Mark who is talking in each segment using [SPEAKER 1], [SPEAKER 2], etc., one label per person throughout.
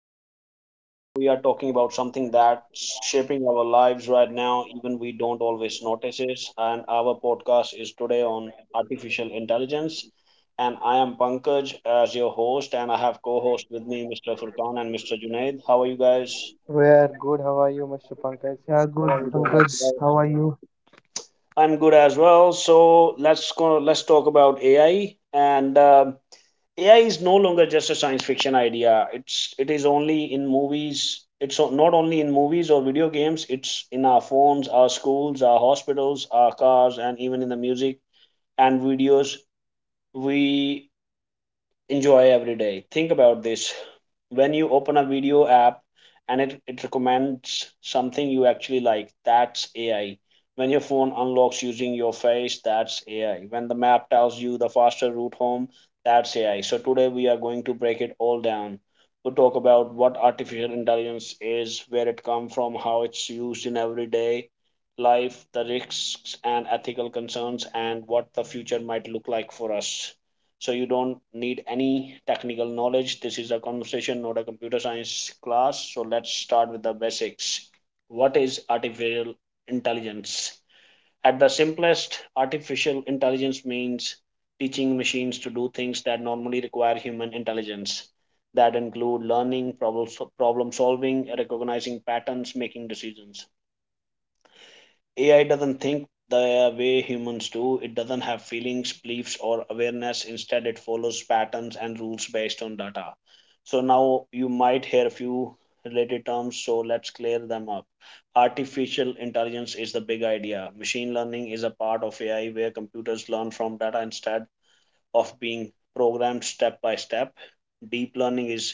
[SPEAKER 1] podcast. Today, we are talking about something that's shaping our lives right now, even we don't always notice it. And our podcast is today on artificial intelligence. And I am Pankaj as your host, and I have co host with me Mr. Furkan and Mr. Junaid. How are you guys?
[SPEAKER 2] We're good. How are you, Mr. Pankaj? How are
[SPEAKER 1] I'm
[SPEAKER 2] you
[SPEAKER 1] good
[SPEAKER 2] doing?
[SPEAKER 1] as well. I'm good as well. So let's go. Let's talk about AI
[SPEAKER 3] Yeah, good,
[SPEAKER 1] and um
[SPEAKER 3] Pankaj. How are
[SPEAKER 1] AI
[SPEAKER 3] you?
[SPEAKER 1] is no longer just a science fiction idea. It is only in movies. It's not only in movies or video games. It's in our phones, our schools, our hospitals, our cars, and even in the music and videos. We enjoy every day. Think about this. When you open a video app and it recommends something you actually like, that's AI. When your phone unlocks using your face, that's AI. When the map tells you the faster route home, that's AI. So today we are going to break it all down. We'll talk about what artificial intelligence is, where it comes from, how it's used in everyday life, the risks and ethical concerns, and what the future might look like for us. So you don't need any technical knowledge. This is a conversation, not a computer science class. So let's start with the basics. What is artificial intelligence? At the simplest, artificial intelligence means teaching machines to do things that normally require human intelligence. That include learning, problem solving, recognizing patterns, making decisions. AI doesn't think the way humans do. It doesn't have feelings, beliefs, or awareness. Instead, it follows patterns and rules based on data. So, now you might hear a few related terms, so let's clear them up. Artificial intelligence is the big idea. Machine learning is a part of AI where computers learn from data instead of being programmed step by step. Deep learning is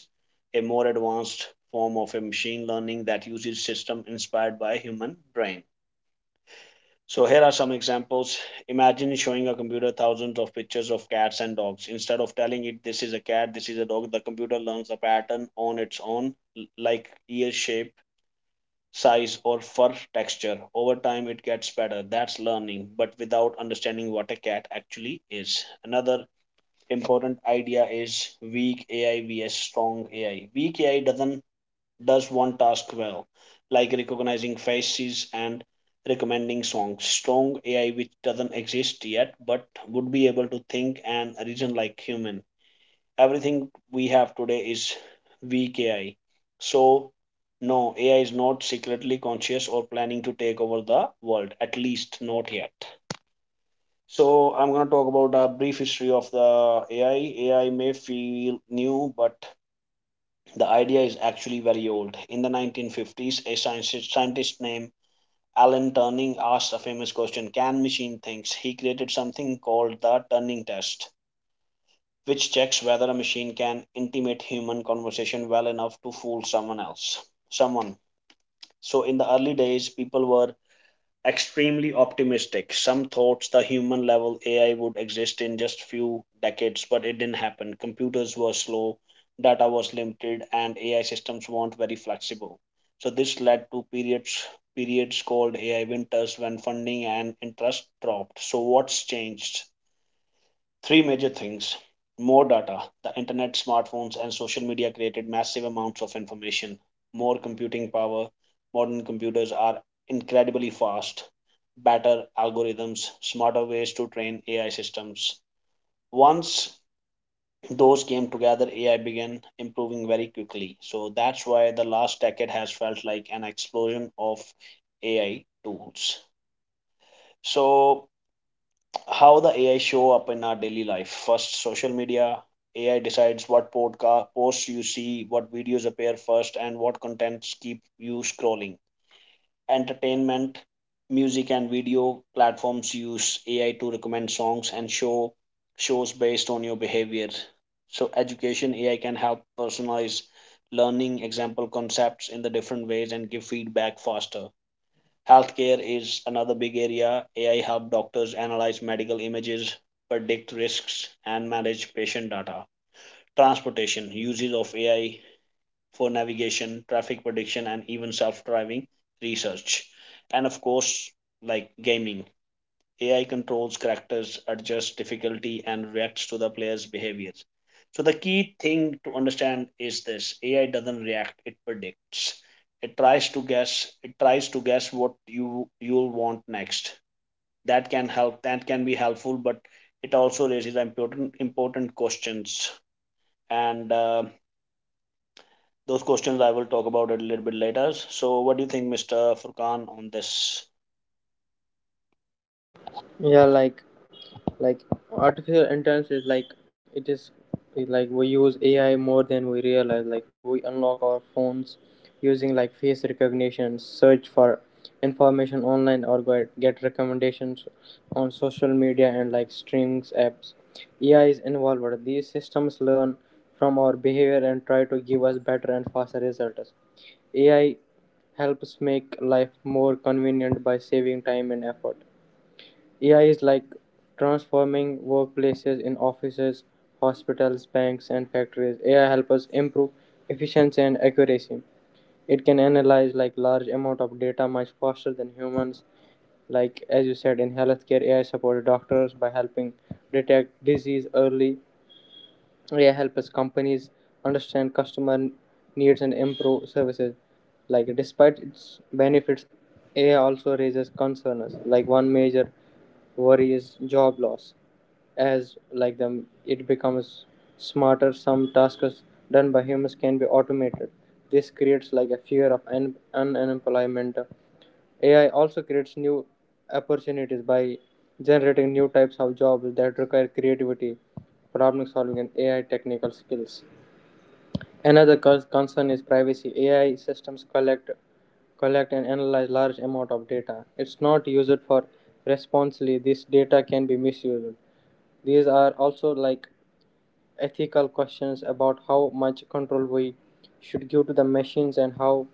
[SPEAKER 1] a more advanced form of a machine learning that uses system inspired by human brain. So here are some examples. Imagine showing a computer thousands of pictures of cats and dogs. Instead of telling it this is a cat, this is a dog, the computer learns the pattern on its own, like ear shape, size, or fur texture. Over time, it gets better. That's learning, but without understanding what a cat actually is. Another important idea is weak AI vs strong AI. Weak AI doesn't does one task well, like recognizing faces and recommending songs. Strong AI, which doesn't exist yet, but would be able to think and reason like human. Everything we have today is weak AI. So no, AI is not secretly conscious or planning to take over the world, at least not yet. So I'm going to talk about a brief history of the AI. AI may feel new, but the idea is actually very old. In the 1950s, a scientist named Alan Turing asked a famous question: can machine think? He created something called the Turing test, which checks whether a machine can intimate human conversation well enough to fool someone else. Someone. So, in the early days, people were extremely optimistic. Some thought the human level AI would exist in just few decades, but it didn't happen. Computers were slow, data was limited, and AI systems weren't very flexible. So this led to periods called AI winters when funding and interest dropped. So what's changed? Three major things: more data. The internet, smartphones, and social media created massive amounts of information, more computing power. Modern computers are incredibly fast, better algorithms, smarter ways to train AI systems. Once those came together, AI began improving very quickly. So that's why the last decade has felt like an explosion of AI tools. So how the AI show up in our daily life. First, social media. AI decides what podcast posts you see, what videos appear first, and what contents keep you scrolling. Entertainment, music, and video platforms use AI to recommend songs and shows based on your behavior. So, education AI can help personalize learning, example concepts in the different ways, and give feedback faster. Healthcare is another big area. AI helps doctors analyze medical images, predict risks, and manage patient data. Transportation uses of AI for navigation, traffic prediction, and even self-driving research. And of course, like gaming, AI controls characters, adjusts difficulty, and reacts to the player's behaviors. So the key thing to understand is this: AI doesn't react; it predicts. It tries to guess. It tries to guess what you'll want next. That can help. That can be helpful, but it also raises important questions. And Those questions I will talk about it a little bit later. So, what do you think, Mr. Furkan, on this?
[SPEAKER 2] Yeah like artificial intelligence is like it is it like we use AI more than we realize. Like, we unlock our phones using like face recognition, search for information online, or get recommendations on social media and like streams apps. AI is involved. These systems learn from our behavior and try to give us better and faster results. AI helps make life more convenient by saving time and effort. AI is like transforming workplaces in offices, hospitals, banks, and factories. AI helps us improve efficiency and accuracy. It can analyze like large amount of data much faster than humans. Like as you said, in healthcare, AI supports doctors by helping detect disease early. AI helps companies understand customer needs and improve services. Like despite its benefits, AI also raises concerns. Like one major worry is job loss, as like them it becomes smarter. Some tasks done by humans can be automated. This creates like a fear of unemployment. AI also creates new opportunities by generating new types of jobs that require creativity, problem solving, and AI technical skills. Another concern is privacy. AI systems collect and analyze large amount of data. It's not used for responsibly. This data can be misused. These are also like ethical questions about how much control we should give to the machines, and how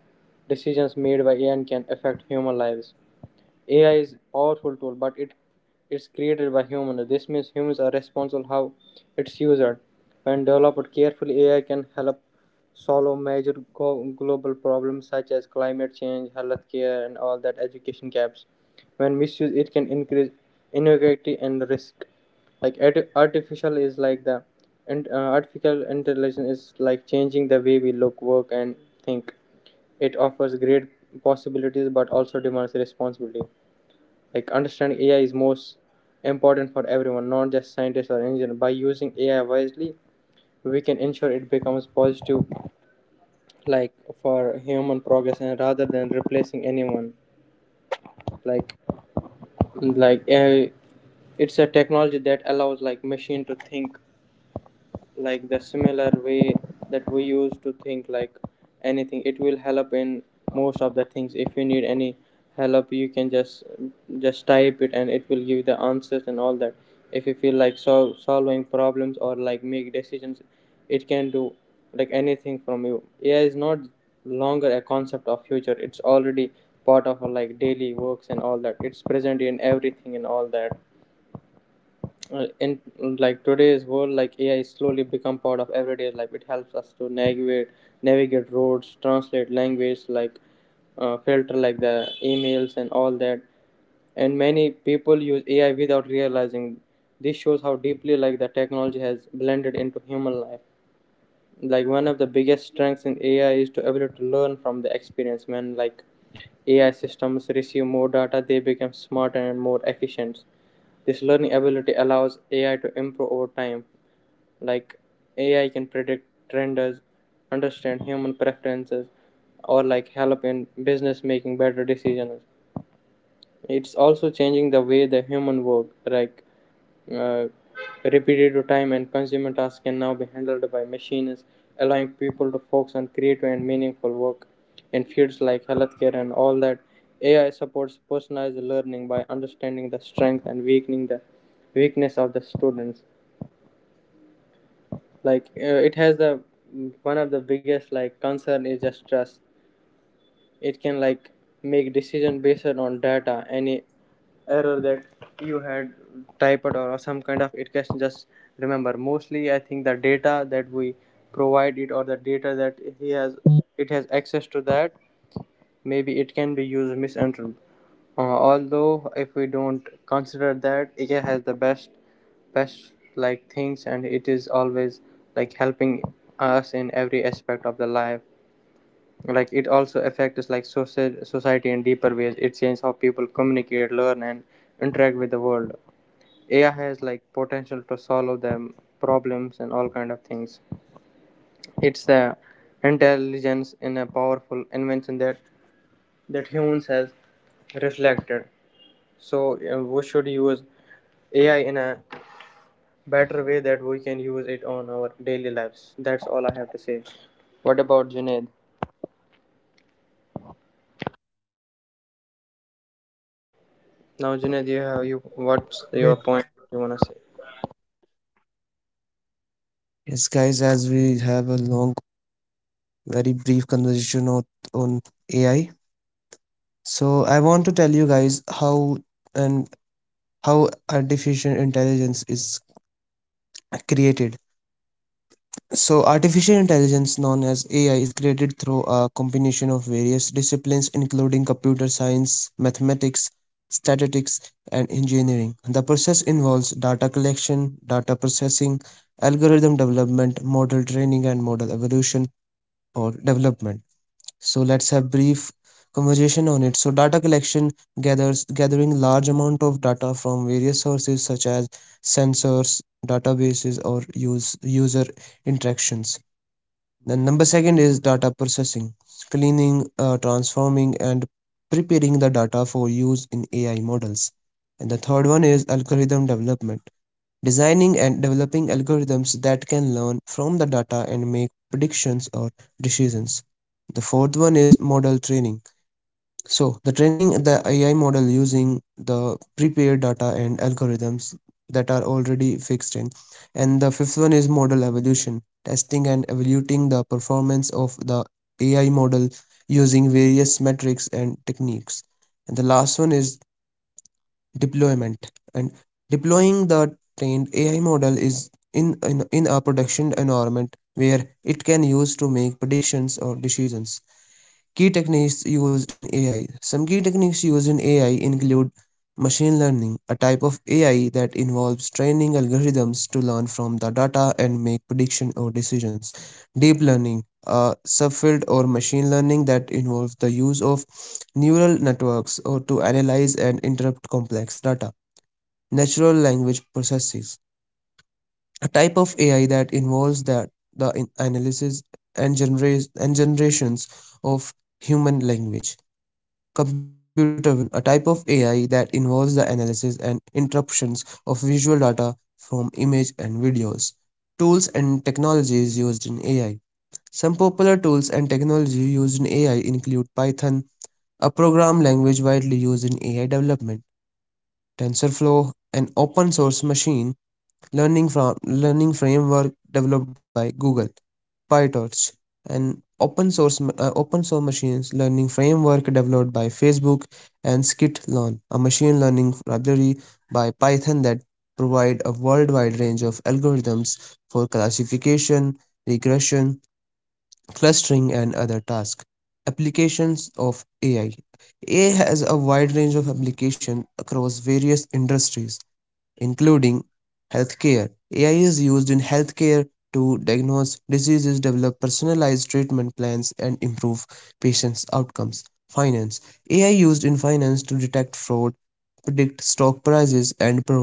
[SPEAKER 2] decisions made by AI can affect human lives. AI is powerful tool, but it is created by humans. This means humans are responsible how it's used. When developed carefully, AI can help solve major global problems such as climate change, healthcare, and all that education gaps. When misused, it can increase inequality and risk. Like artificial is like the and artificial intelligence is like changing the way we look, work, and think. It offers great possibilities, but also demands responsibility. Like understanding AI is most important for everyone, not just scientists or engineers. By using AI wisely, we can ensure it becomes positive, like for human progress, and rather than replacing anyone, like AI it's a technology that allows like machine to think like the similar way that we use to think. Like anything, it will help in most of the things. If you need any help, you can just type it and it will give the answers and all that. If you feel like solving problems or like make decisions, it can do like anything from you. AI is not longer a concept of future; it's already part of our like daily works and all that. It's present in everything and all that. In like today's world, like AI is slowly become part of everyday life. It helps us to navigate roads, translate language, like filter like the emails and all that. And many people use AI without realizing. This shows how deeply like the technology has blended into human life. Like one of the biggest strengths in AI is to ability to learn from the experience. When like AI systems receive more data, they become smarter and more efficient. This learning ability allows AI to improve over time. Like AI can predict trends, understand human preferences, or like help in business making better decisions. It's also changing the way the human work, like uh, repetitive time and consumer tasks can now be handled by machines, allowing people to focus on creative and meaningful work in fields like healthcare and all that. AI supports personalized learning by understanding the strength and weakening the weakness of the students. Like it has the one of the biggest like concern is the stress. It can like make decision based on data. Any error that you had typed or some kind of, it can just remember. Mostly I think the data that we provide it, or the data that he has, it has access to that, maybe it can be used misentered. uh, Although, if we don't consider that, it has the best like things, and it is always like helping us in every aspect of the life. Like it also affects like society in deeper ways. It changes how people communicate, learn, and interact with the world. AI has like potential to solve them problems and all kind of things. It's the intelligence in a powerful invention that that humans has reflected. So we should use AI in a better way that we can use it on our daily lives. That's all I have to say. What about Junaid? Now Junaid, you what's your point you wanna say?
[SPEAKER 3] Yes. Yes, guys, as we have a long, very brief conversation on AI, so I want to tell you guys how and how artificial intelligence is created. So, artificial intelligence, known as AI, is created through a combination of various disciplines, including computer science, mathematics, statistics, and engineering. The process involves data collection, data processing, algorithm development, model training, and model evolution or development. So, let's have brief conversation on it. So, data collection gathers gathering large amount of data from various sources such as sensors, databases, or use user interactions. The number second is data processing, cleaning, transforming, and preparing the data for use in AI models. And the third one is algorithm development, designing and developing algorithms that can learn from the data and make predictions or decisions. The fourth one is model training, so the training the AI model using the prepared data and algorithms that are already fixed in. And the fifth one is model evolution, testing and evaluating the performance of the AI model using various metrics and techniques. And the last one is deployment and deploying the trained AI model is in a production environment where it can use to make predictions or decisions. Key techniques used in AI. Some key techniques used in AI include machine learning, a type of AI that involves training algorithms to learn from the data and make prediction or decisions. Deep learning, a subfield or machine learning that involves the use of neural networks or to analyze and interpret complex data. Natural language processes, a type of AI that involves that the analysis and generate and generations of human language. Computer vision, a type of AI that involves the analysis and interpretations of visual data from images and videos. Tools and technologies used in AI. Some popular tools and technology used in AI include Python, a program language widely used in AI development, TensorFlow, an open source machine learning from learning framework developed by Google, PyTorch, and open source open source machine learning framework developed by Facebook, and Scikit Learn, a machine learning library by Python that provide a worldwide range of algorithms for classification, regression, clustering, and other tasks. Applications of AI. AI has a wide range of application across various industries including healthcare. AI is used in healthcare to diagnose diseases, develop personalized treatment plans, and improve patients' outcomes. Finance. AI used in finance to detect fraud,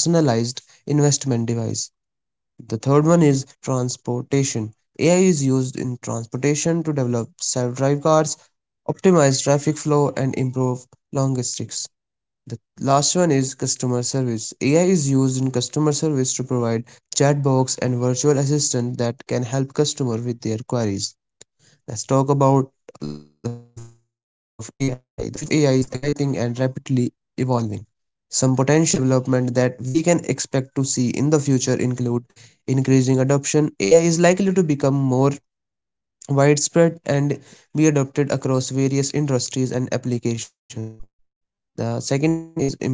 [SPEAKER 3] predict stock prices, and provide personalized investment advice. The third one is transportation. AI is used in transportation to develop self drive cars, optimize traffic flow, and improve logistics. The last one is customer service. AI is used in customer service to provide chat box and virtual assistant that can help customer with their queries. Let's talk about the future of AI. The future of AI is exciting and rapidly evolving. Some potential development that we can expect to see in the future include increasing adoption. AI is likely to become more widespread and be adopted across various industries and applications.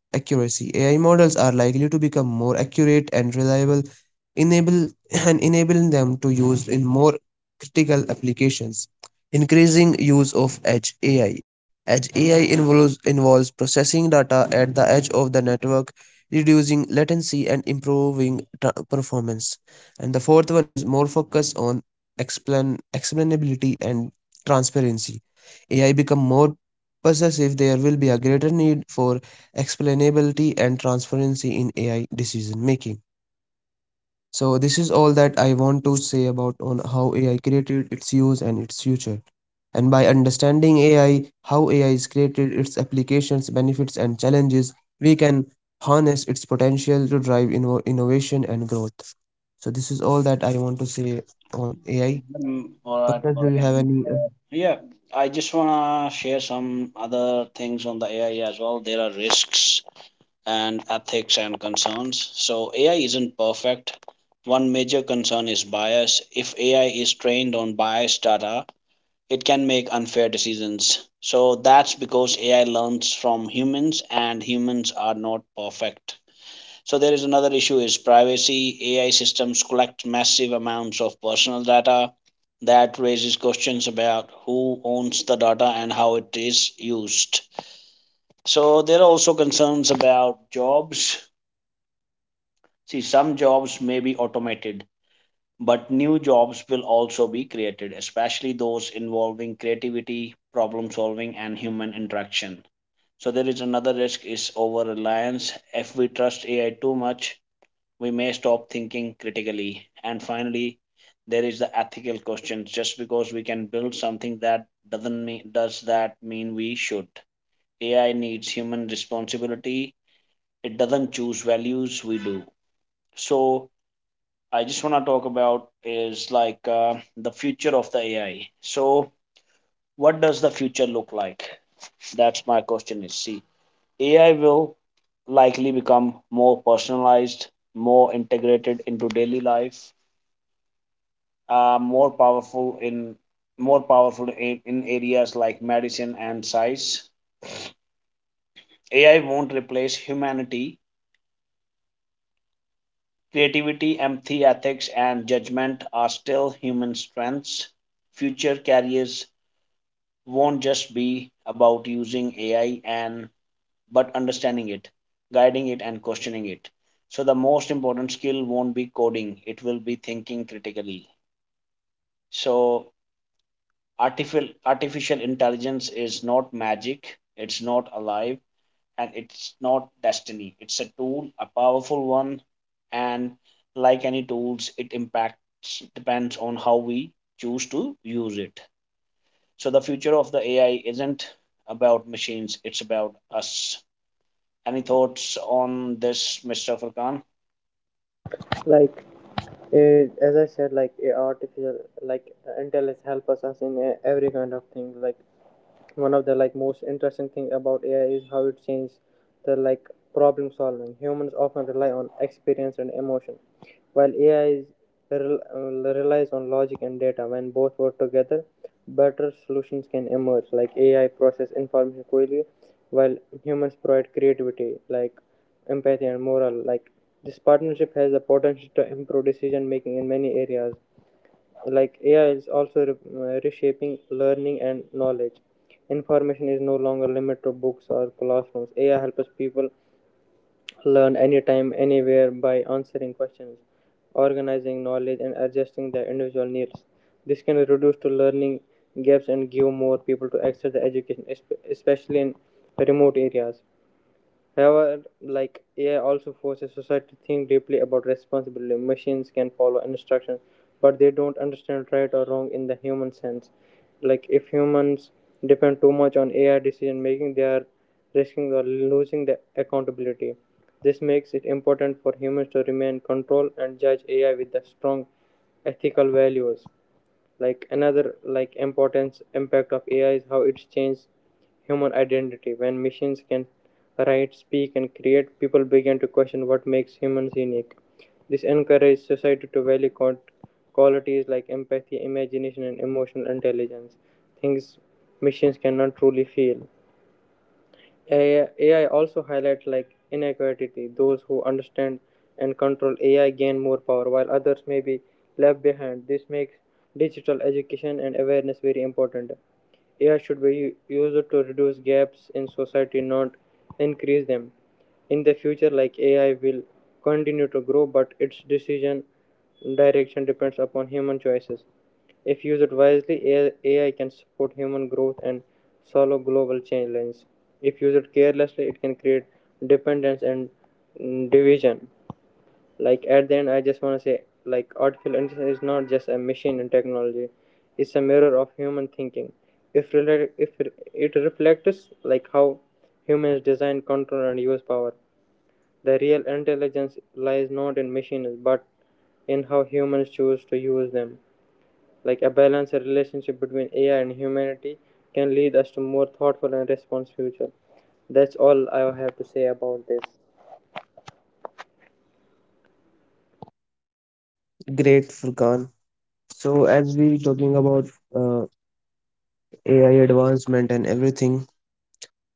[SPEAKER 3] The second one is improved accuracy. AI models are likely to become more accurate and reliable, enable and enabling them to use in more critical applications. Increasing use of edge AI. Edge AI involves processing data at the edge of the network, reducing latency and improving tra- performance. And the fourth one is more focus on explain explainability and transparency. AI become more possessive, there will be a greater need for explainability and transparency in AI decision making. So this is all that I want to say about on how AI created its use and its future. And by understanding AI, how AI is created, its applications, benefits and challenges, we can harness its potential to drive inno- innovation and growth. So this is all that
[SPEAKER 1] Mm,
[SPEAKER 3] I want
[SPEAKER 1] all
[SPEAKER 3] to
[SPEAKER 1] right,
[SPEAKER 3] say
[SPEAKER 1] all right.
[SPEAKER 3] on
[SPEAKER 1] Uh,
[SPEAKER 3] AI.
[SPEAKER 1] yeah, I just
[SPEAKER 3] Pankaj, do you have
[SPEAKER 1] wanna
[SPEAKER 3] any
[SPEAKER 1] share some other things on the AI as well. There are risks and ethics and concerns. So AI isn't perfect. One major concern is bias. If AI is trained on biased data, it can make unfair decisions. So that's because AI learns from humans and humans are not perfect. So there is another issue is privacy. AI systems collect massive amounts of personal data. That raises questions about who owns the data and how it is used. So there are also concerns about jobs. See, some jobs may be automated, but new jobs will also be created, especially those involving creativity, problem solving, and human interaction. So there is another risk is over reliance. If we trust AI too much, we may stop thinking critically. And finally, there is the ethical question. Just because we can build something that doesn't mean does that mean we should? AI needs human responsibility. It doesn't choose values, we do. So I just want to talk about is like the future of the AI. So what does the future look like? That's my question is see. AI will likely become more personalized, more integrated into daily life, uh, more powerful in more powerful in areas like medicine and science. AI won't replace humanity. Creativity, empathy, ethics, and judgment are still human strengths. Future careers won't just be about using AI and but understanding it, guiding it, and questioning it. So the most important skill won't be coding; it will be thinking critically. So artificial intelligence is not magic, it's not alive, and it's not destiny. It's a tool, a powerful one, and like any tools, it impacts depends on how we choose to use it. So the future of the AI isn't about machines, it's about us. Any thoughts on this, Mr. Furkan?
[SPEAKER 2] Like as I said, like artificial like intelligence help us in every kind of thing. Like one of the like most interesting thing about AI is how it changes the like problem solving. Humans often rely on experience and emotion, while AI is relies on logic and data. When both work together, better solutions can emerge. Like AI process information quickly, while humans provide creativity, like empathy and moral, like this partnership has the potential to improve decision making in many areas. Like AI is also reshaping learning and knowledge. Information is no longer limited to books or classrooms. AI helps people learn anytime, anywhere by answering questions, organizing knowledge, and adjusting their individual needs. This can reduce to learning gaps and give more people to access the education, especially in remote areas. However, like AI also forces society to think deeply about responsibility. Machines can follow instructions, but they don't understand right or wrong in the human sense. Like if humans depend too much on AI decision making, they are risking or losing the accountability. This makes it important for humans to remain control and judge AI with the strong ethical values. Like another like importance impact of AI is how it's changed human identity. When machines can write, speak, and create, people begin to question what makes humans unique. This encourages society to value qualities like empathy, imagination, and emotional intelligence, things machines cannot truly feel. AI also highlights like inequality. Those who understand and control AI gain more power, while others may be left behind. This makes digital education and awareness very important. AI should be used to reduce gaps in society, not increase them. In the future, like AI will continue to grow, but its decision direction depends upon human choices. If used wisely, AI can support human growth and solve global challenges. If used carelessly, it can create dependence and division. Like at the end, I just want to say, like artificial intelligence is not just a machine and technology; it's a mirror of human thinking. If it reflects like how humans design, control, and use power, the real intelligence lies not in machines but in how humans choose to use them. Like a balanced relationship between AI and humanity can lead us to more thoughtful and responsive future. That's all I have to say about this.
[SPEAKER 3] Great, Furkan. So as we talking about uh, AI advancement and everything,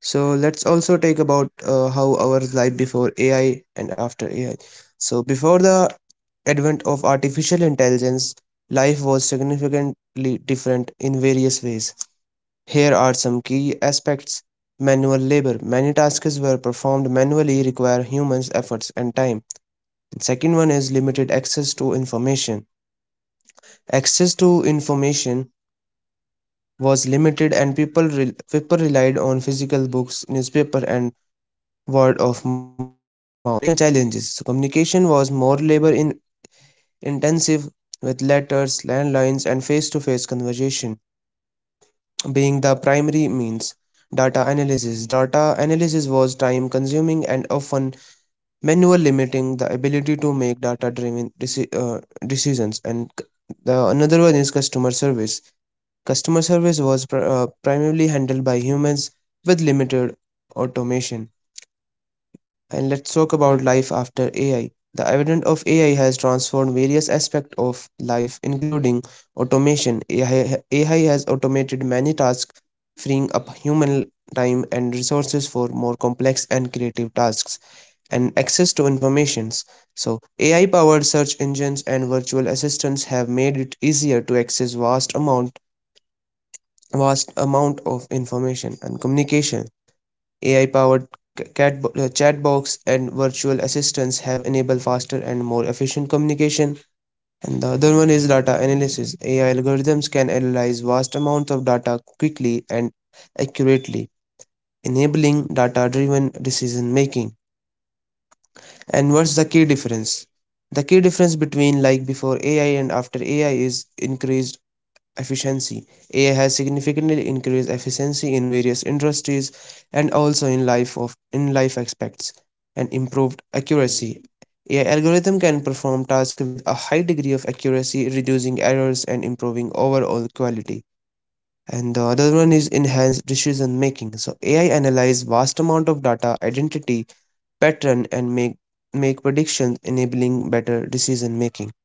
[SPEAKER 3] so let's also take about how our life before AI and after AI. So before the advent of artificial intelligence, life was significantly different in various ways. Here are some key aspects. Manual labor. Many tasks were performed manually, require humans' efforts and time. Second one is limited access to information. Access to information was limited and people people relied on physical books, newspaper, and word of mouth. Communication challenges. So communication was more labor intensive with letters, landlines, and face to face conversation being the primary means. Data analysis. Data analysis was time consuming and often manual, limiting the ability to make data driven decisions. And the another one is customer service. Customer service was primarily handled by humans with limited automation. And let's talk about life after AI. The advent of AI has transformed various aspects of life, including automation. AI has automated many tasks, freeing up human time and resources for more complex and creative tasks, and access to informations. So, AI powered search engines and virtual assistants have made it easier to access vast amount of information and communication. AI powered chatbots and virtual assistants have enabled faster and more efficient communication. And the other one is data analysis. AI algorithms can analyze vast amounts of data quickly and accurately, enabling data driven decision making. And what's the key difference? The key difference between like before AI and after AI is increased efficiency. AI has significantly increased efficiency in various industries and also in life of in life aspects, and improved accuracy. AI algorithm can perform tasks with a high degree of accuracy, reducing errors and improving overall quality. And the other one is enhanced decision making. So AI analyze vast amount of data, identity, pattern, and make predictions, enabling better decision making.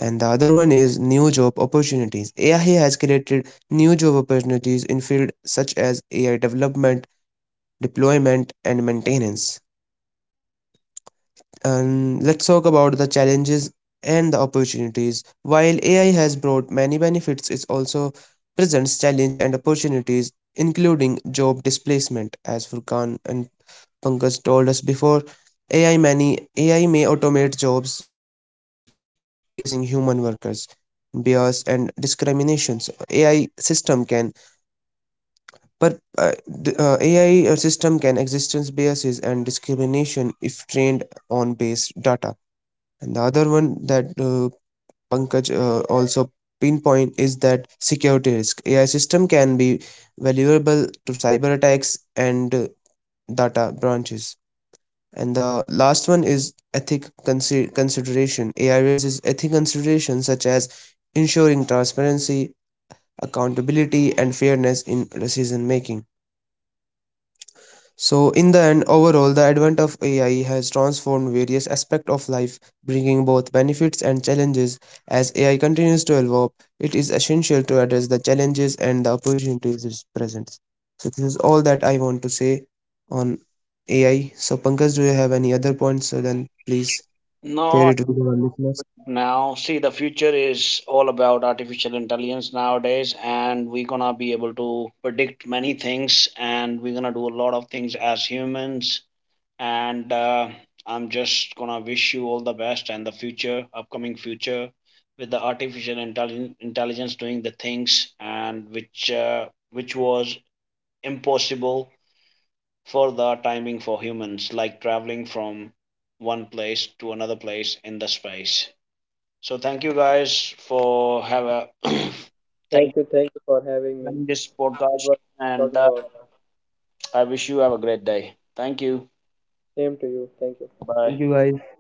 [SPEAKER 3] And the other one is new job opportunities. AI has created new job opportunities in fields such as AI development, deployment, and maintenance. And let's talk about the challenges and the opportunities. While AI has brought many benefits, it also presents challenges and opportunities, including job displacement, as Furkan and Pankaj told us before, AI many AI may automate jobs, potentially displacing human workers. Bias and discriminations. AI system can per uh, uh, AI system can existence biases and discrimination if trained on base data. And the other one that Pankaj also pinpoint is that security risk. AI system can be vulnerable to cyber attacks and data breaches. And the last one is ethic consideration. AI raises ethic considerations such as ensuring transparency, accountability, and fairness in decision making. So, in the end, overall, the advent of AI has transformed various aspects of life, bringing both benefits and challenges. As AI continues to evolve, it is essential to address the challenges and the opportunities it presents. So, this is all that I want to say on AI. So, Pankaj, do you have any other points? So, then please share
[SPEAKER 1] No,
[SPEAKER 3] it with our listeners.
[SPEAKER 1] now see, the future is all about artificial intelligence nowadays, and we're gonna be able to predict many things, and we're gonna do a lot of things as humans. And I'm just gonna wish you all the best and the future upcoming future with the artificial intelligence doing the things, and which was impossible for the timing for humans, like traveling from one place to another place in the space. So thank you guys for have a thank you
[SPEAKER 2] Thank you for having
[SPEAKER 1] for
[SPEAKER 2] me.
[SPEAKER 1] joining this
[SPEAKER 2] It
[SPEAKER 1] podcast,
[SPEAKER 2] was
[SPEAKER 1] and
[SPEAKER 2] talking
[SPEAKER 1] uh,
[SPEAKER 2] about.
[SPEAKER 1] I wish you have a great day. Thank you.
[SPEAKER 2] Same to you. Thank you.
[SPEAKER 3] Thank
[SPEAKER 1] Bye.
[SPEAKER 3] you guys.